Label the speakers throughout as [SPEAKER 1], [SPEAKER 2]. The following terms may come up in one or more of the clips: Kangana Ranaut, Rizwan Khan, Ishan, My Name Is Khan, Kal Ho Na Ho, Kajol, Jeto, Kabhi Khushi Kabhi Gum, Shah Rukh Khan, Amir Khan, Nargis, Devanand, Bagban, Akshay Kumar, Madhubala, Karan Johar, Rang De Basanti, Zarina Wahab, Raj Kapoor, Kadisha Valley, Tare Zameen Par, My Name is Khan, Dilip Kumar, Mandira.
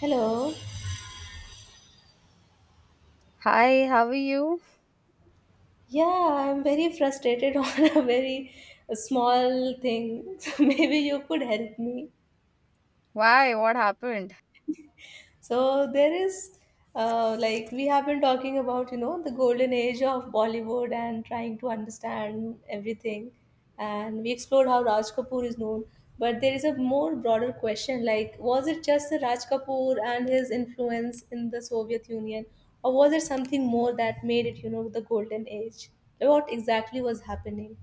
[SPEAKER 1] Hello.
[SPEAKER 2] Hi, how are you?
[SPEAKER 1] Yeah, I'm very frustrated on a very small thing. So maybe you could help me.
[SPEAKER 2] Why? What happened?
[SPEAKER 1] So there is, like we have been talking about, you know, the golden age of Bollywood and trying to understand everything, and we explored how Raj Kapoor is known. But there is a more broader question, like was it just the Raj Kapoor and his influence in the Soviet Union, or was it something more that made it, you know, the golden age? What exactly was happening?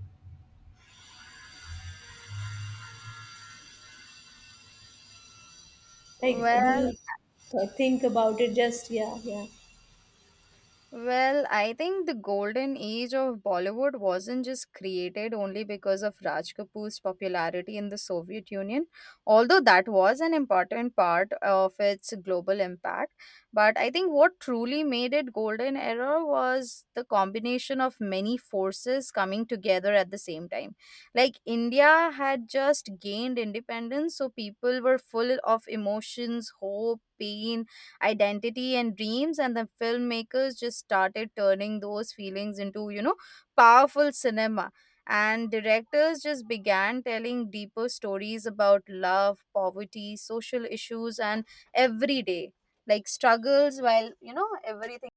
[SPEAKER 1] Like, do
[SPEAKER 2] Well,
[SPEAKER 1] you think about it? Just yeah, yeah.
[SPEAKER 2] Well, I think the golden age of Bollywood wasn't just created only because of Raj Kapoor's popularity in the Soviet Union, although that was an important part of its global impact. But I think what truly made it golden era was the combination of many forces coming together at the same time. Like India had just gained independence, so people were full of emotions, hope, pain, identity and dreams and the filmmakers just started turning those feelings into powerful cinema, and directors just began telling deeper stories about love, poverty, social issues and everyday struggles. While you know everything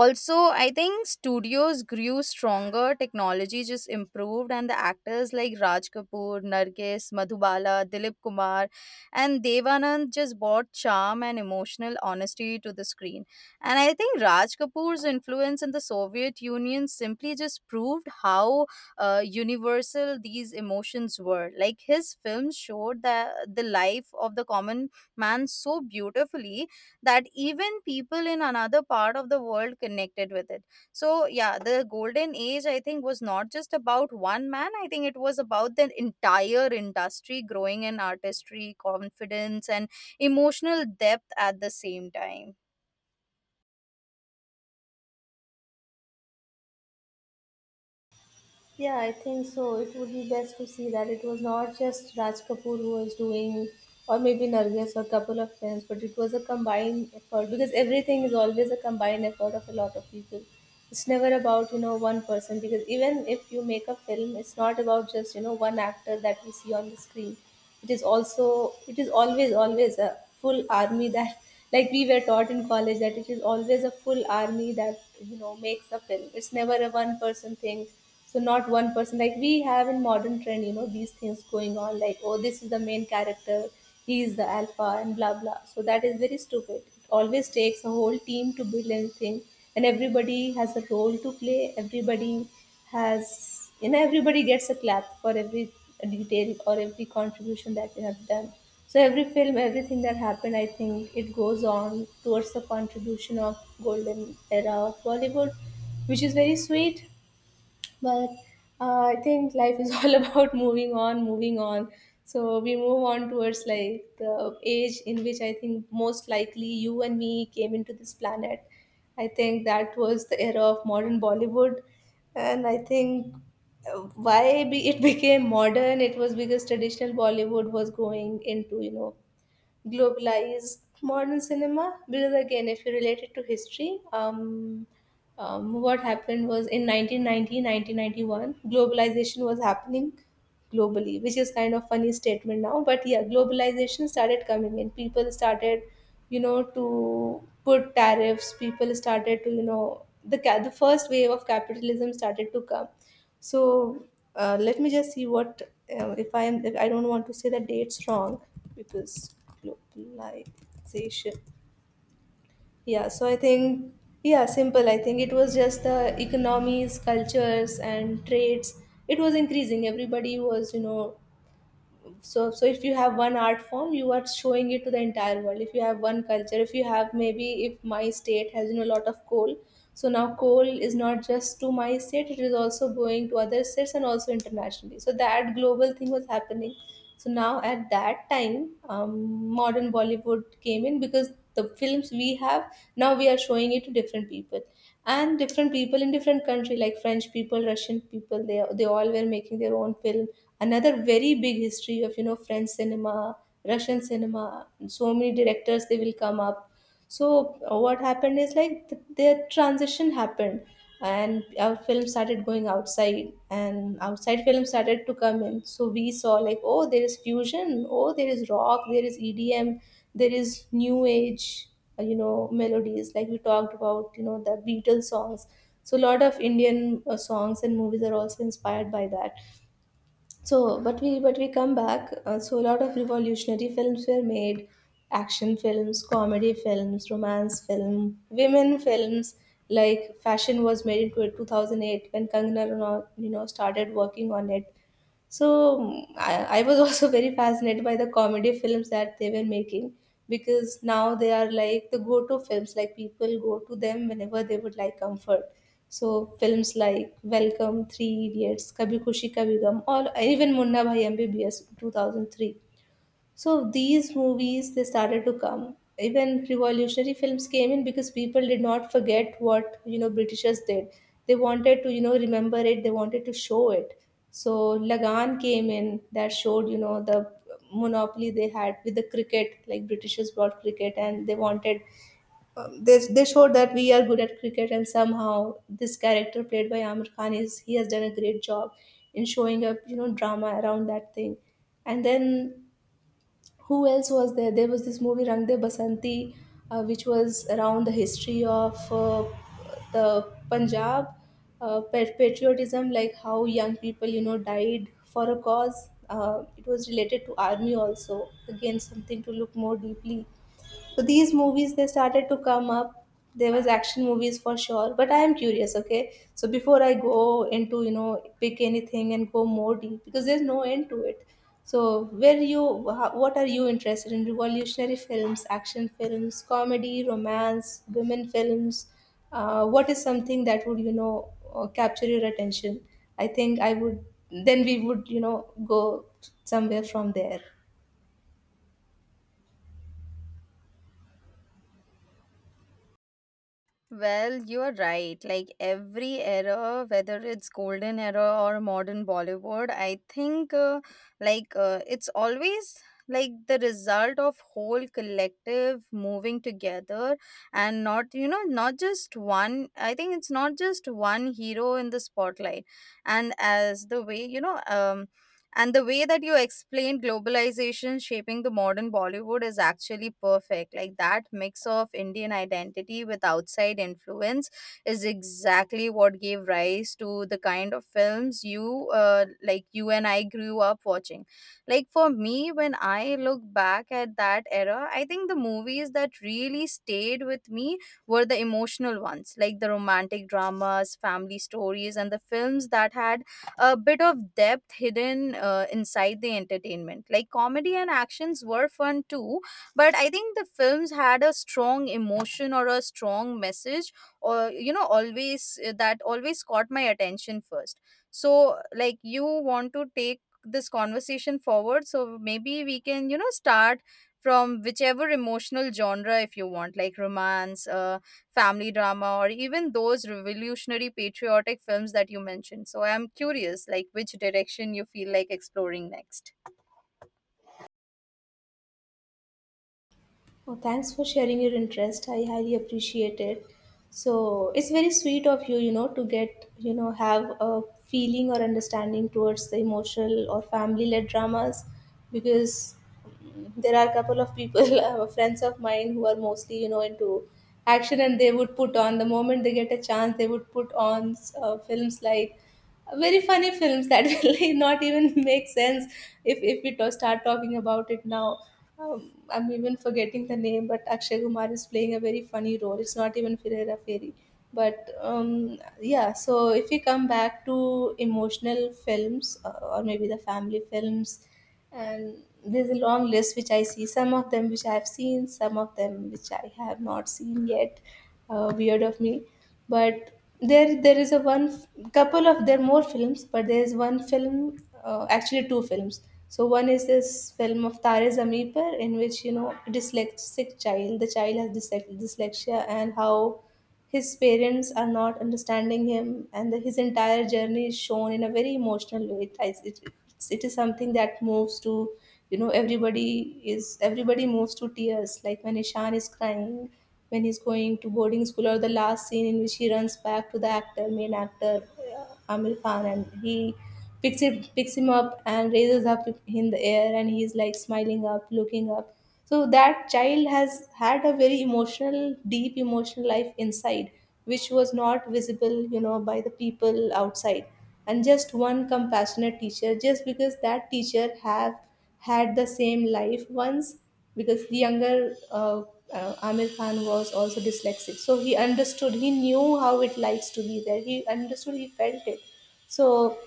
[SPEAKER 2] also I think studios grew stronger, technology just improved, and the actors like Raj Kapoor, Nargis, Madhubala, Dilip Kumar and Devanand just brought charm and emotional honesty to the screen. And I think Raj Kapoor's influence in the Soviet Union simply just proved how universal these emotions were. Like his films showed the life of the common man so beautifully that even people in another part of the world connected with it. So, yeah, the golden age, I think, was not just about one man. I think it was about the entire industry growing in artistry, confidence, and emotional depth at the same time.
[SPEAKER 1] Yeah, I think so. It would be best to see that it was not just Raj Kapoor who was doing, or maybe Nargis or a couple of friends, but it was a combined effort because everything is always a combined effort of a lot of people. It's never about, you know, one person because even if you make a film, it's not about just, you know, one actor that we see on the screen. It is always a full army that, like we were taught in college, that it is always a full army that, you know, makes a film. It's never a one person thing, so not one person like we have in modern trend, you know, these things going on like, oh, this is the main character, he is the alpha and blah blah. So that is very stupid. It always takes a whole team to build anything, and everybody has a role to play. Everybody has, you know, everybody gets a clap for every detail or every contribution that they have done. So every film, everything that happened, I think it goes on towards the contribution of golden era of Bollywood, which is very sweet. But I think life is all about moving on. So we move on towards like the age in which I think most likely you and me came into this planet. I think that was the era of modern Bollywood, and I think, uh, it became modern. It was because traditional Bollywood was going into, you know, globalized modern cinema, because again, if you relate it to history, what happened was in 1990, 1991, globalization was happening globally, which is kind of funny statement now. But yeah, globalization started coming in. People started, you know, to put tariffs. People started to, you know, the first wave of capitalism started to come. So, let me just see what, if I am. If I don't want to say the dates wrong because globalization. Yeah. So I think, yeah, simple. I think it was just the economies, cultures, and trades. It was increasing. Everybody was, you know, so so if you have one art form, you are showing it to the entire world. If you have one culture, if you have, maybe if my state has, you know, a lot of coal, so now coal is not just to my state, it is also going to other states and also internationally. So that global thing was happening. So now at that time, modern Bollywood came in because the films we have now, we are showing it to different people, and different people in different country, like French people, Russian people. They all were making their own film. Another very big history of, you know, French cinema, Russian cinema. So many directors they will come up. So what happened is like their transition happened, and our film started going outside, and outside film started to come in. So we saw like, oh, there is fusion, oh, there is rock, there is EDM, there is new age, you know, melodies. Like we talked about, you know, the Beatles songs. So a lot of Indian songs and movies are also inspired by that. So, but we come back. So, a lot of revolutionary films were made: action films, comedy films, romance film, women films. Like fashion was made into 2008 when Kangana Ranaut, you know, started working on it. So I was also very fascinated by the comedy films that they were making, because now they are like the go to films, like people go to them whenever they would like comfort. So films like Welcome, Three Idiots, Kabhi Khushi Kabhi Gum, or even Munna Bhai MBBS 2003, so these movies they started to come. Even revolutionary films came in because people did not forget what, you know, Britishers did. They wanted to, you know, remember it. They wanted to show it. So Lagan came in that showed, you know, the monopoly they had with the cricket. Like Britishers brought cricket and they wanted, they showed that we are good at cricket, and somehow this character played by Amir Khan is he has done a great job in showing up, you know, drama around that thing. And then who else was there? There was this movie Rang De Basanti, which was around the history of the Punjab patriotism, like how young people, you know, died for a cause. It was related to army also. Again, something to look more deeply. So these movies they started to come up. There was action movies for sure, but I am curious. Okay, so before I go into, you know, pick anything and go more deep because there's no end to it. So where you what are you interested in? Revolutionary films, action films, comedy, romance, women films. What is something that would, you know, capture your attention? I think I would, then we would, you know, go somewhere from there.
[SPEAKER 2] Well, you're right. Like every era, whether it's golden era or modern Bollywood, I think it's always like the result of whole collective moving together and not you know not just one. I think it's not just one hero in the spotlight. and as the way you know um and the way that you explained globalization shaping the modern Bollywood is actually perfect. Like that mix of Indian identity with outside influence is exactly what gave rise to the kind of films you like you and I grew up watching. Like for me, when I look back at that era, I think the movies that really stayed with me were the emotional ones, like the romantic dramas, family stories, and the films that had a bit of depth hidden inside the entertainment. Like comedy and actions were fun too, but I think the films had a strong emotion or a strong message, or you know, always that always caught my attention first. So, like, you want to take this conversation forward, so maybe we can, you know, start from whichever emotional genre if you want, like romance, family drama, or even those revolutionary patriotic films that you mentioned. So I'm curious, like which direction you feel like exploring next.
[SPEAKER 1] Oh, thanks for sharing your interest. I highly appreciate it. So it's very sweet of you, you know, to get, you know, have a feeling or understanding towards the emotional or family-led dramas, because there are a couple of people, friends of mine, who are mostly, you know, into action, and they would put on the moment they get a chance, they would put on films like very funny films that will not even make sense if we to start talking about it now. I'm even forgetting the name, but Akshay Kumar is playing a very funny role. It's not even Ferreira Ferry. But yeah, so if we come back to emotional films or maybe the family films, and there's a long list which I see some of them, which I have seen, some of them which I have not seen yet, weird of me. But there is a couple of, there are more films but there is one film, actually two films. So one is this film of Tare Zameen Par, in which, you know, a dyslexic child, the child has dyslexia, and how his parents are not understanding him, and his entire journey is shown in a very emotional way. It is something that moves to, you know, everybody moves to tears. Like when Ishan is crying, when he's going to boarding school, or the last scene in which he runs back to the actor, main actor, Amir Khan, and he picks him up and raises up in the air, and he's like smiling up, looking up. So that child has had a very emotional, deep emotional life inside, which was not visible, you know, by the people outside, and just one compassionate teacher, just because that teacher have had the same life once, because the younger Amir Khan was also dyslexic, so he understood, he knew how it likes to be there, he understood, he felt it. So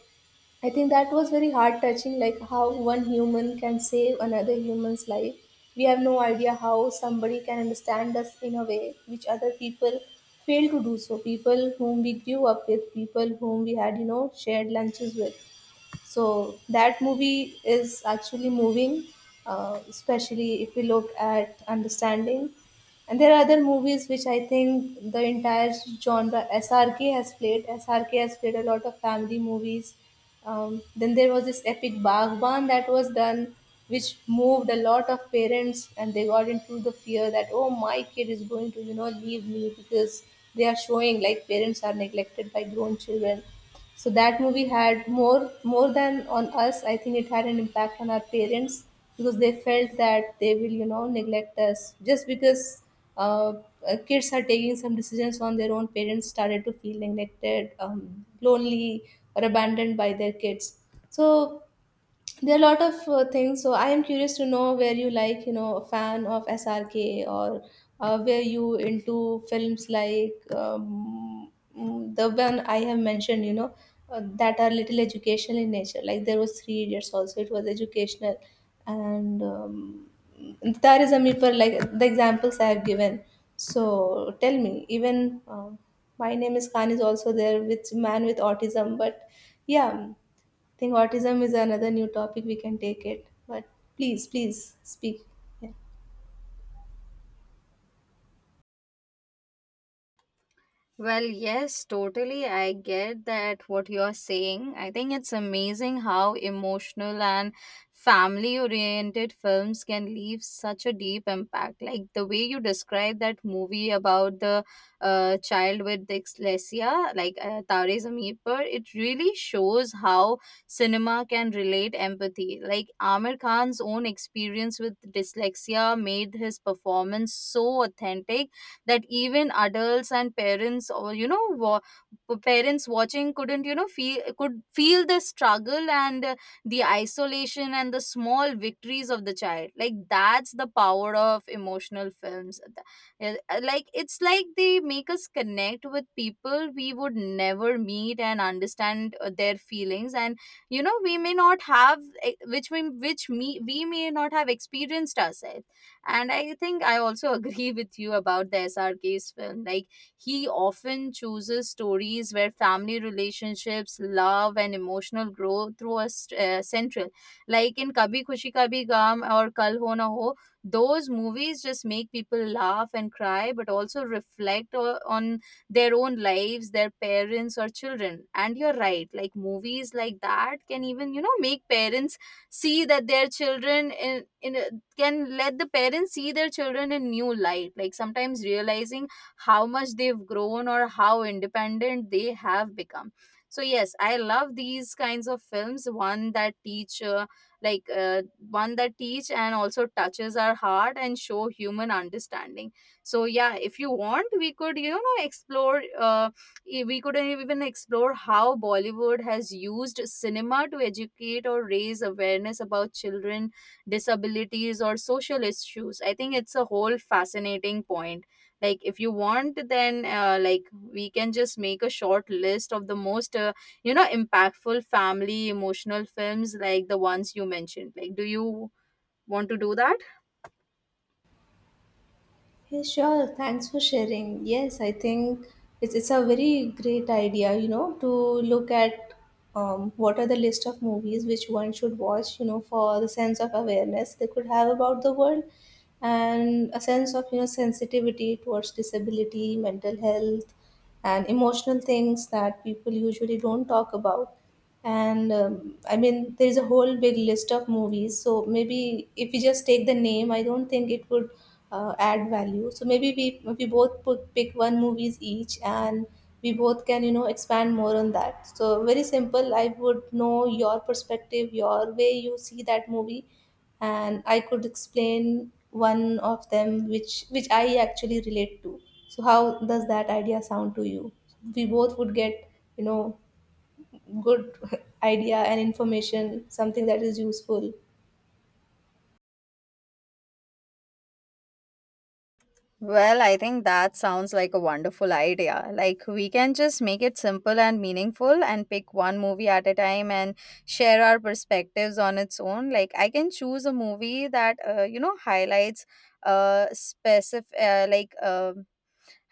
[SPEAKER 1] I think that was very heart touching, like how one human can save another human's life. We have no idea how somebody can understand us in a way which other people fail to do so. People whom we grew up with, people whom we had, you know, shared lunches with. So that movie is actually moving, especially if we look at understanding. And there are other movies which I think the entire genre SRK has played. SRK has played a lot of family movies. Then there was this epic Bagban that was done, which moved a lot of parents, and they got into the fear that, oh, my kid is going to leave me because they are showing like parents are neglected by grown children. So that movie had more than on us, I think it had an impact on our parents because they felt that they will neglect us just because uh, kids are taking some decisions on their own. Parents started to feel neglected, lonely, or abandoned by their kids. So there are a lot of things. So I am curious to know, where you, like, a fan of SRK, or where you into films like, the one I have mentioned, that are little educational in nature, like there was Three Idiots, also it was educational. And there is a meeper, like the examples I have given. So tell me, even My Name Is Khan is also there with man with autism, but yeah, I think autism is another new topic we can take it, but please, please speak. Yeah.
[SPEAKER 2] Well, yes, totally. I get that what you're saying. I think it's amazing how emotional and family oriented films can leave such a deep impact. Like the way you described that movie about the child with dyslexia, like Tare Zameen Par, it really shows how cinema can relate empathy. Like Amir Khan's own experience with dyslexia made his performance so authentic that even adults and parents or parents watching couldn't you know feel could feel the struggle and the isolation and the small victories of the child. Like that's the power of emotional films. Like it's like they make us connect with people we would never meet and understand their feelings, and you know we may not have eh, which we which me we may not have experienced ourselves. And I think I also agree with you about the SRK's film. Like he often chooses stories where family relationships, love and emotional growth through a central. Like in Kabhi Khushi Kabhi Gum or Kal Ho Na Ho, those movies just make people laugh and cry but also reflect on their own lives, their parents or children. And you're right, like movies like that can even you know make parents see that their children in a- can let the parents see their children in new light, like sometimes realizing how much they've grown or how independent they have become. So yes, I love these kinds of films, like uh, one that teach and also touches our heart and show human understanding. So yeah, if you want, we could you know explore uh, we could even explore how Bollywood has used cinema to educate or raise awareness about children, disabilities or social issues. I think it's a whole fascinating point. Like if you want, then we can just make a short list of the most you know impactful family emotional films, like the ones you mentioned. Like do you want to do that?
[SPEAKER 1] Yeah, sure, thanks for sharing. Yes, I think it's a very great idea, to look at what are the list of movies which one should watch, for the sense of awareness they could have about the world, and a sense of, sensitivity towards disability, mental health, and emotional things that people usually don't talk about. And I mean there is a whole big list of movies, so maybe if we just take the name I don't think it would add value. So maybe we both pick one movies each, and we both can, expand more on that. So very simple, I would know your perspective, your way you see that movie, and I could explain one of them which I actually relate to. So how does that idea sound to you? We both would get, you know good idea and information, something that is useful.
[SPEAKER 2] Well, I think that sounds like a wonderful idea. Like, we can just make it simple and meaningful and pick one movie at a time and share our perspectives on its own. Like, I can choose a movie that, you know, highlights specific like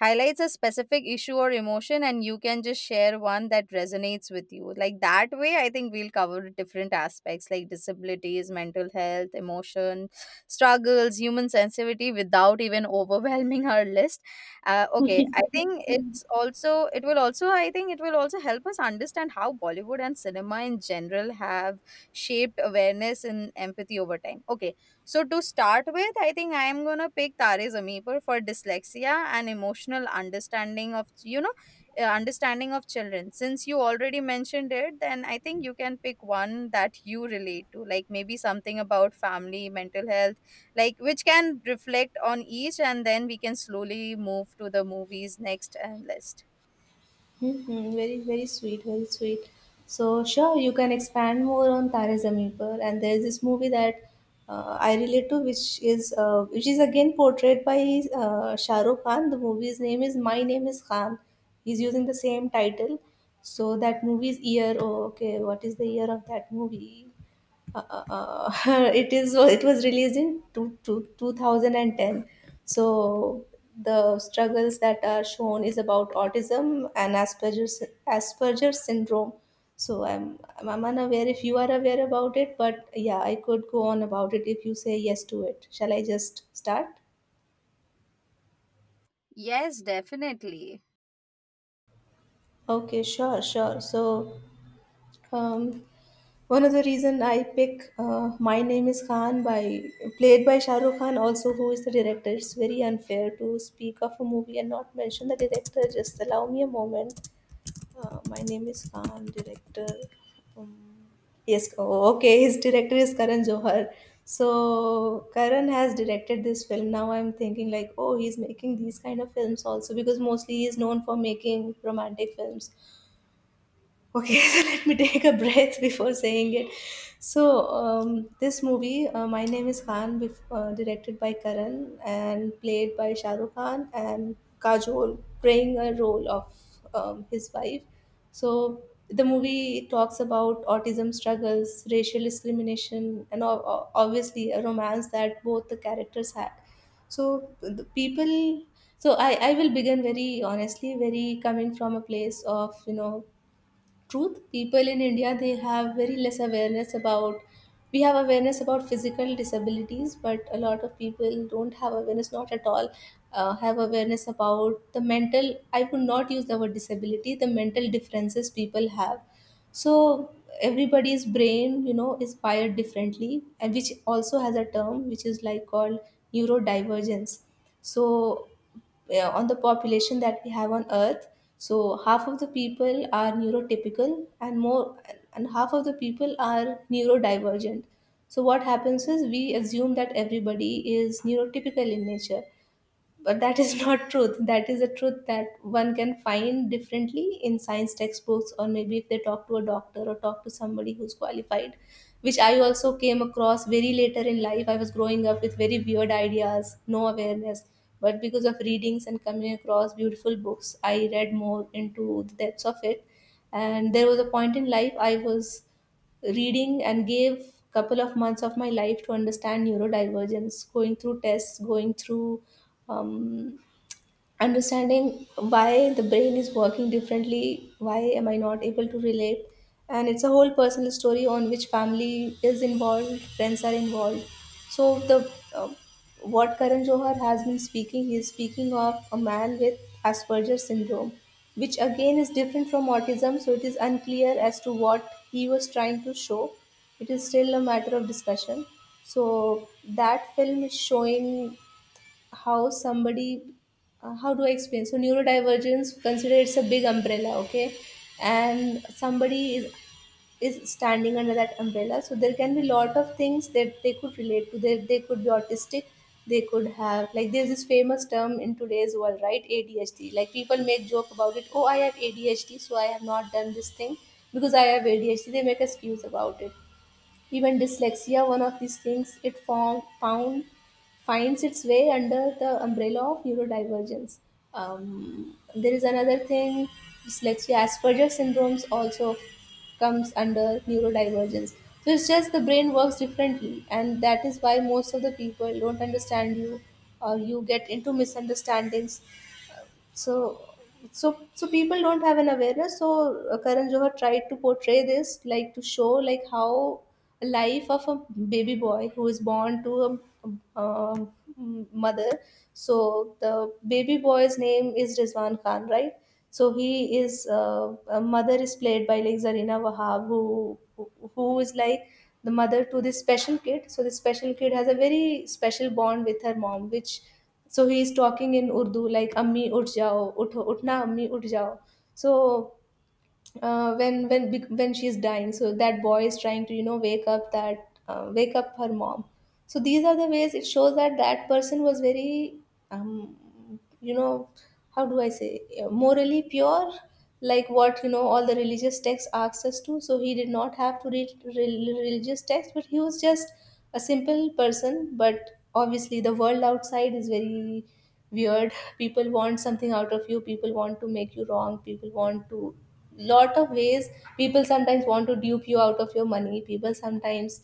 [SPEAKER 2] highlights a specific issue or emotion, and you can just share one that resonates with you. Like that way I think we'll cover different aspects like disabilities, mental health, emotion struggles, human sensitivity without even overwhelming our list. Okay, I think it's also it will also, I think it will also help us understand how Bollywood and cinema in general have shaped awareness and empathy over time. Okay, so to start with, I think I am gonna pick Tare Zameen Par for dyslexia and emotional understanding of you know understanding of children. Since you already mentioned it, then I think you can pick one that you relate to, like maybe something about family, mental health, like which can reflect on each, and then we can slowly move to the movies next and list.
[SPEAKER 1] Mm-hmm. Very, very sweet, very sweet. So, sure, you can expand more on Tare Zameen Par. And there's this movie that, I relate to, which is which is again portrayed by Shah Rukh Khan. The movie's name is My Name Is Khan. He's using the same title. So that movie's year. Oh, okay. What is the year of that movie? uh, uh, it was released in 2010. So the struggles that are shown is about autism and Asperger's syndrome. So I'm unaware if you are aware about it, but yeah, I could go on about it if you say yes to it. Shall I just start?
[SPEAKER 2] Yes, definitely.
[SPEAKER 1] Okay, sure, sure. So, um, one of the reason I pick My Name Is Khan, by played by Shah Rukh Khan, also who is the director. It's very unfair to speak of a movie and not mention the director. Just allow me a moment. My Name Is Khan, director. Um, yes, oh, okay. His director is Karan Johar. So Karan has directed this film. Now I'm thinking like, oh, he's making these kind of films also, because mostly he's known for making romantic films. Okay, so let me take a breath before saying it. So, this movie, My Name is Khan, directed by Karan and played by Shah Rukh Khan and Kajol, playing a role of his wife. So, the movie talks about autism struggles, racial discrimination, and obviously a romance that both the characters had. So, the people, so I will begin very honestly, very coming from a place of, truth. People in India, they have very less awareness about, we have awareness about physical disabilities, but a lot of people don't have awareness, not at all have awareness about the mental. I would not use the word disability, the mental differences people have. So everybody's brain, is wired differently, and which also has a term which is like called neurodivergence. So, on the population that we have on Earth, so half of the people are neurotypical, and more, and half of the people are neurodivergent. So, what happens is we assume that everybody is neurotypical in nature, but that is not truth, that is a truth that one can find differently in science textbooks, or maybe if they talk to a doctor or talk to somebody who's qualified, which I also came across very later in life. I was growing up with very weird ideas, no awareness, but because of readings and coming across beautiful books, I read more into the depths of it. And there was a point in life I was reading and gave couple of months of my life to understand neurodivergence, going through tests, going through um, understanding why the brain is working differently, why am I not able to relate. And it's a whole personal story on which family is involved, friends are involved. So the uh, what Karan Johar has been speaking, he is speaking of a man with Asperger's syndrome, which again is different from autism. So it is unclear as to what he was trying to show, it is still a matter of discussion. So that film is showing how somebody, how do I explain. So neurodivergence, consider it's a big umbrella, okay? And somebody is standing under that umbrella. So there can be lot of things that they could relate to, they could be autistic, they could have, like there's this famous term in today's world, right, ADHD, like people make joke about it, oh, I have ADHD, so I have not done this thing because I have ADHD, they make excuse about it. Even dyslexia, one of these things, it form, found finds its way under the umbrella of neurodivergence. There is another thing, dyslexia, Asperger syndromes also comes under neurodivergence. So it's just the brain works differently, and that is why most of the people don't understand you, or you get into misunderstandings. So so so people don't have an awareness, so Karan Johar tried to portray this, like, to show like how a life of a baby boy who is born to a, um mother. So the baby boy's name is Rizwan Khan, right? So he is, a mother is played by like Zarina Wahab, who is like the mother to this special kid. So this special kid has a very special bond with her mom, which, so he is talking in Urdu, like "Ammi uth jao, utho, utna, ammi uth jao." So, when she is dying, so that boy is trying to, wake up that wake up her mom. So these are the ways it shows that that person was very, you know, how do I say, morally pure, like what, all the religious texts asks us to. So he did not have to read religious texts, but he was just a simple person. But obviously, the world outside is very weird. People want something out of you, people want to make you wrong, people want to, lot of ways, people sometimes want to dupe you out of your money, people sometimes,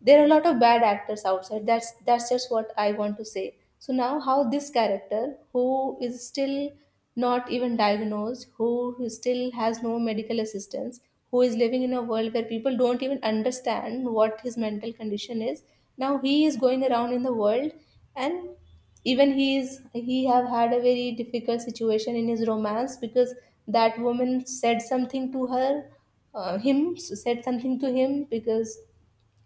[SPEAKER 1] there are a lot of bad actors outside. That's just what I want to say. So now how this character, who is still not even diagnosed, who still has no medical assistance, who is living in a world where people don't even understand what his mental condition is, now he is going around in the world, and even he have had a very difficult situation in his romance, because that woman said something to her him, said something to him because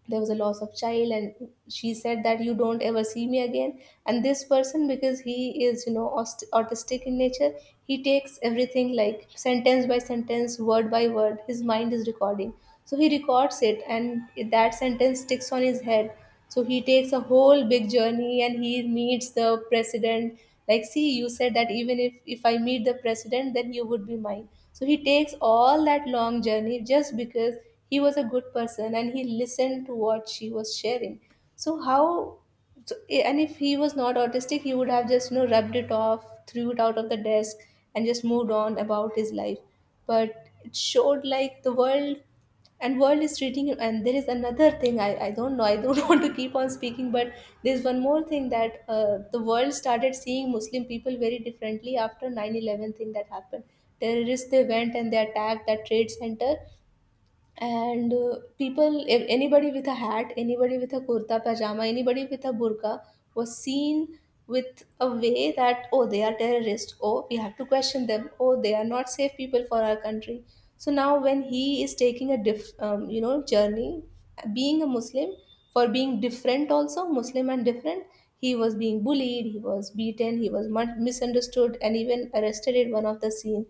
[SPEAKER 1] there was a loss of child, and she said that you don't ever see me again. And this person, because he is, you know, autistic in nature, he takes everything like sentence by sentence, word by word, his mind is recording. So he records it, and that sentence sticks on his head. So he takes a whole big journey and he meets the president. Like, see, you said that even if I meet the president, then you would be mine. So he takes all that long journey just because he was a good person and he listened to what she was sharing. So how, so, and if he was not autistic, he would have just, rubbed it off, threw it out of the desk, and just moved on about his life. But it showed like the world and world is treating you, and there is another thing I don't want to keep on speaking, but there's one more thing that the world started seeing Muslim people very differently after 9-11, thing that happened. Terrorists, they went and they attacked that trade center. And people, if anybody with a hat, anybody with a kurta pajama, anybody with a burqa was seen with a way that, oh, they are terrorists, oh, we have to question them, oh, they are not safe people for our country. So now when he is taking a diff you know, journey, being a Muslim, for being different also, Muslim and different, he was being bullied, he was beaten, he was misunderstood and even arrested at one of the scene.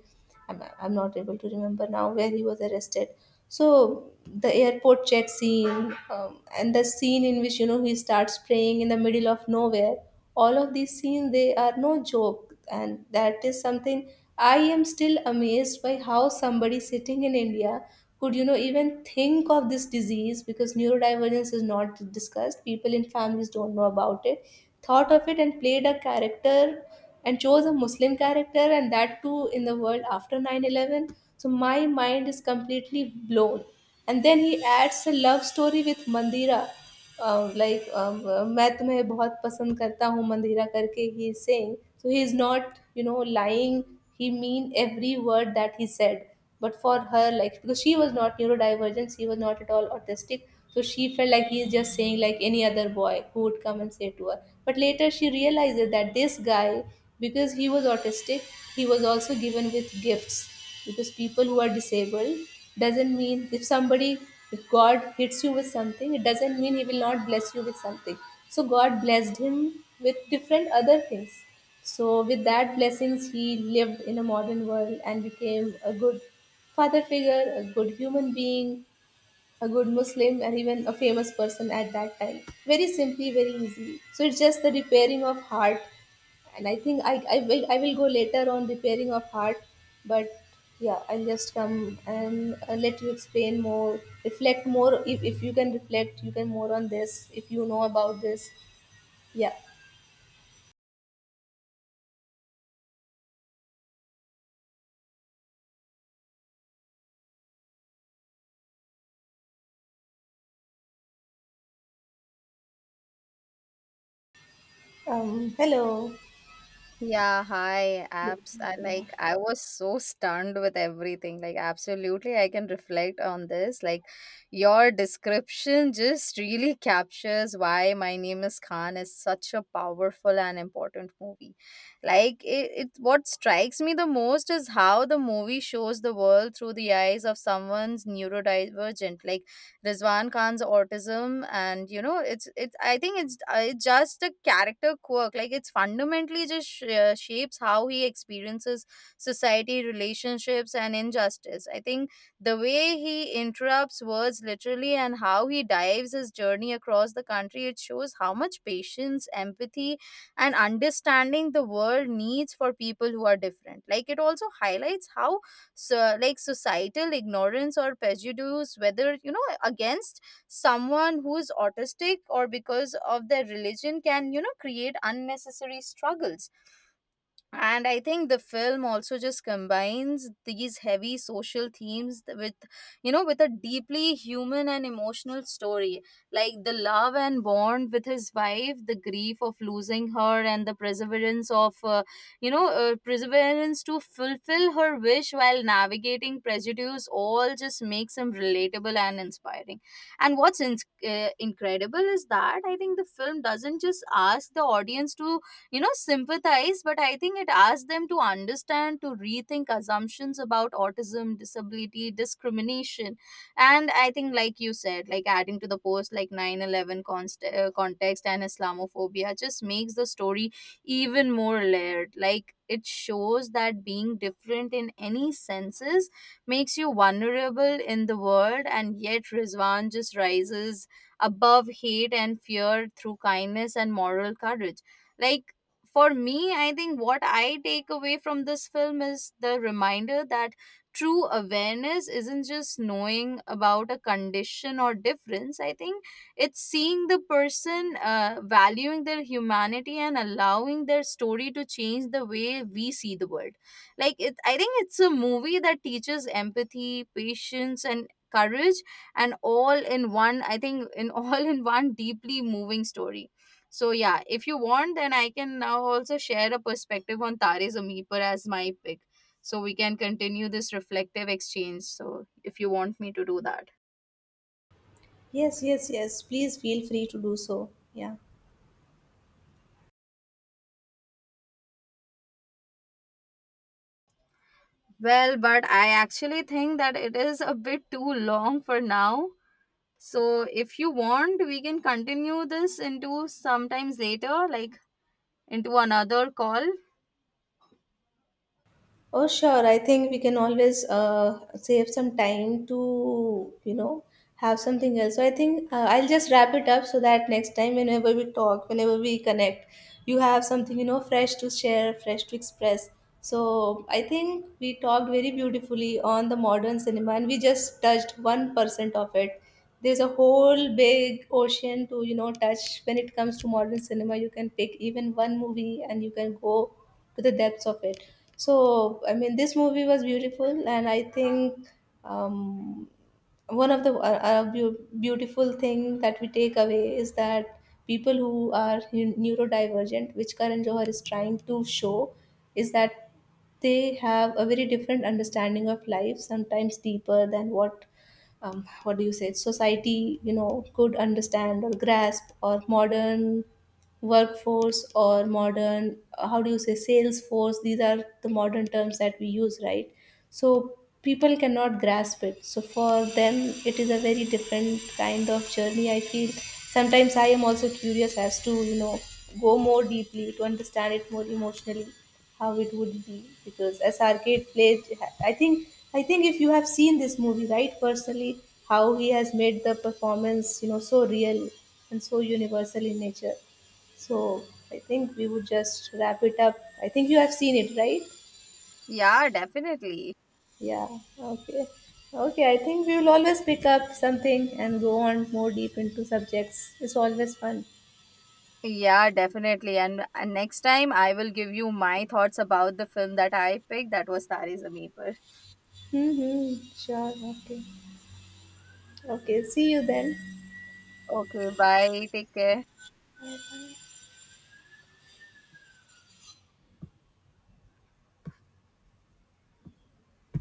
[SPEAKER 1] I'm not able to remember now where he was arrested. So the airport chat scene, and the scene in which, you know, he starts praying in the middle of nowhere. All of these scenes, they are no joke, and that is something. I am still amazed by how somebody sitting in India could, you know, even think of this disease, because neurodivergence is not discussed. People in families don't know about it. Thought of it and played a character and chose a Muslim character, and that too in the world after 9/11. So my mind is completely blown. And then he adds a love story with Mandira. Like मैं तुम्हें बहुत पसंद करता हूँ मंदिरा करके he is saying so he is not you know lying he mean every word that he said but for her like because she was not neurodivergent she was not at all autistic, so she felt like he is just saying, like any other boy who would come and say to her. But later she realizes that this guy, because he was autistic, he was also given with gifts. Because people who are disabled, doesn't mean, if somebody, if God hits you with something, it doesn't mean he will not bless you with something. So God blessed him with different other things. So with that blessings, he lived in a modern world and became a good father figure, a good human being, a good Muslim, and even a famous person at that time. Very simply, very easily. So it's just the repairing of heart. And I think I will go later on repairing of heart. But yeah, I'll just come and let you explain more, reflect more. If you can reflect, you can more on this, if you know about this. Yeah. Hello.
[SPEAKER 2] Yeah, hi,
[SPEAKER 1] Yeah.
[SPEAKER 2] apps. I
[SPEAKER 1] Yeah.
[SPEAKER 2] like I was so stunned with everything. Like absolutely I can reflect on this. Like your description just really captures why My Name is Khan is such a powerful and important movie. Like it, what strikes me the most is how the movie shows the world through the eyes of someone's neurodivergent. Like Rizwan Khan's autism, and you know it's I think it's just a character quirk. Like it's fundamentally just shapes how he experiences society, relationships and injustice. I think the way he interrupts words literally and how he dives his journey across the country, it shows how much patience, empathy and understanding the world needs for people who are different. Like it also highlights how so like societal ignorance or prejudice, whether you know against someone who is autistic or because of their religion, can you know create unnecessary struggles. And I think the film also just combines these heavy social themes with you know with a deeply human and emotional story, like the love and bond with his wife, the grief of losing her and the perseverance of perseverance to fulfill her wish while navigating prejudice all just makes him relatable and inspiring. And what's incredible is that I think the film doesn't just ask the audience to you know sympathize, but I think it asks them to understand, to rethink assumptions about autism, disability, discrimination. And I think like you said, like adding to the post like 9/11 context and Islamophobia just makes the story even more layered. Like it shows that being different in any senses makes you vulnerable in the world, and yet Rizwan just rises above hate and fear through kindness and moral courage. Like for me, I think what I take away from this film is the reminder that true awareness isn't just knowing about a condition or difference. I think it's seeing the person, valuing their humanity, and allowing their story to change the way we see the world. Like, I think it's a movie that teaches empathy, patience, and courage and all in one. I think in all in one deeply moving story. So yeah, if you want, then I can now also share a perspective on Tare Zameen Par as my pick. So we can continue this reflective exchange. So if you want me to do that.
[SPEAKER 1] Yes, yes, yes. Please feel free to do so. Yeah.
[SPEAKER 2] Well, but I actually think that it is a bit too long for now. So if you want, we can continue this into sometimes later, like into another call.
[SPEAKER 1] Oh, sure. I think we can always save some time to, you know, have something else. So I think I'll just wrap it up, so that next time, whenever we talk, whenever we connect, you have something, you know, fresh to share, fresh to express. So I think we talked very beautifully on the modern cinema, and we just touched 1% of it. There's a whole big ocean to, you know, touch when it comes to modern cinema. You can pick even one movie and you can go to the depths of it. So I mean, this movie was beautiful, and I think um, one of the beautiful thing that we take away is that people who are neurodivergent, which Karan Johar is trying to show, is that they have a very different understanding of life, sometimes deeper than what, what do you say, society, you know, could understand or grasp. Or modern workforce or modern, how do you say, sales force, these are the modern terms that we use, right? So people cannot grasp it, so for them it is a very different kind of journey, I feel. Sometimes I am also curious as to, you know, go more deeply to understand it more emotionally, how it would be, because as Arcade played, I think, I think, if you have seen this movie, right, personally, how he has made the performance, you know, so real and so universal in nature. So I think we would just wrap it up. I think you have seen it, right?
[SPEAKER 2] Yeah, definitely.
[SPEAKER 1] Yeah, okay. Okay, I think we will always pick up something and go on more deep into subjects. It's always fun.
[SPEAKER 2] Yeah, definitely. And next time I will give you my thoughts about the film that I picked that was Tare Zameen Par.
[SPEAKER 1] Mm-hmm. Sure, okay. Okay, see you then.
[SPEAKER 2] Okay bye take care
[SPEAKER 1] Bye-bye.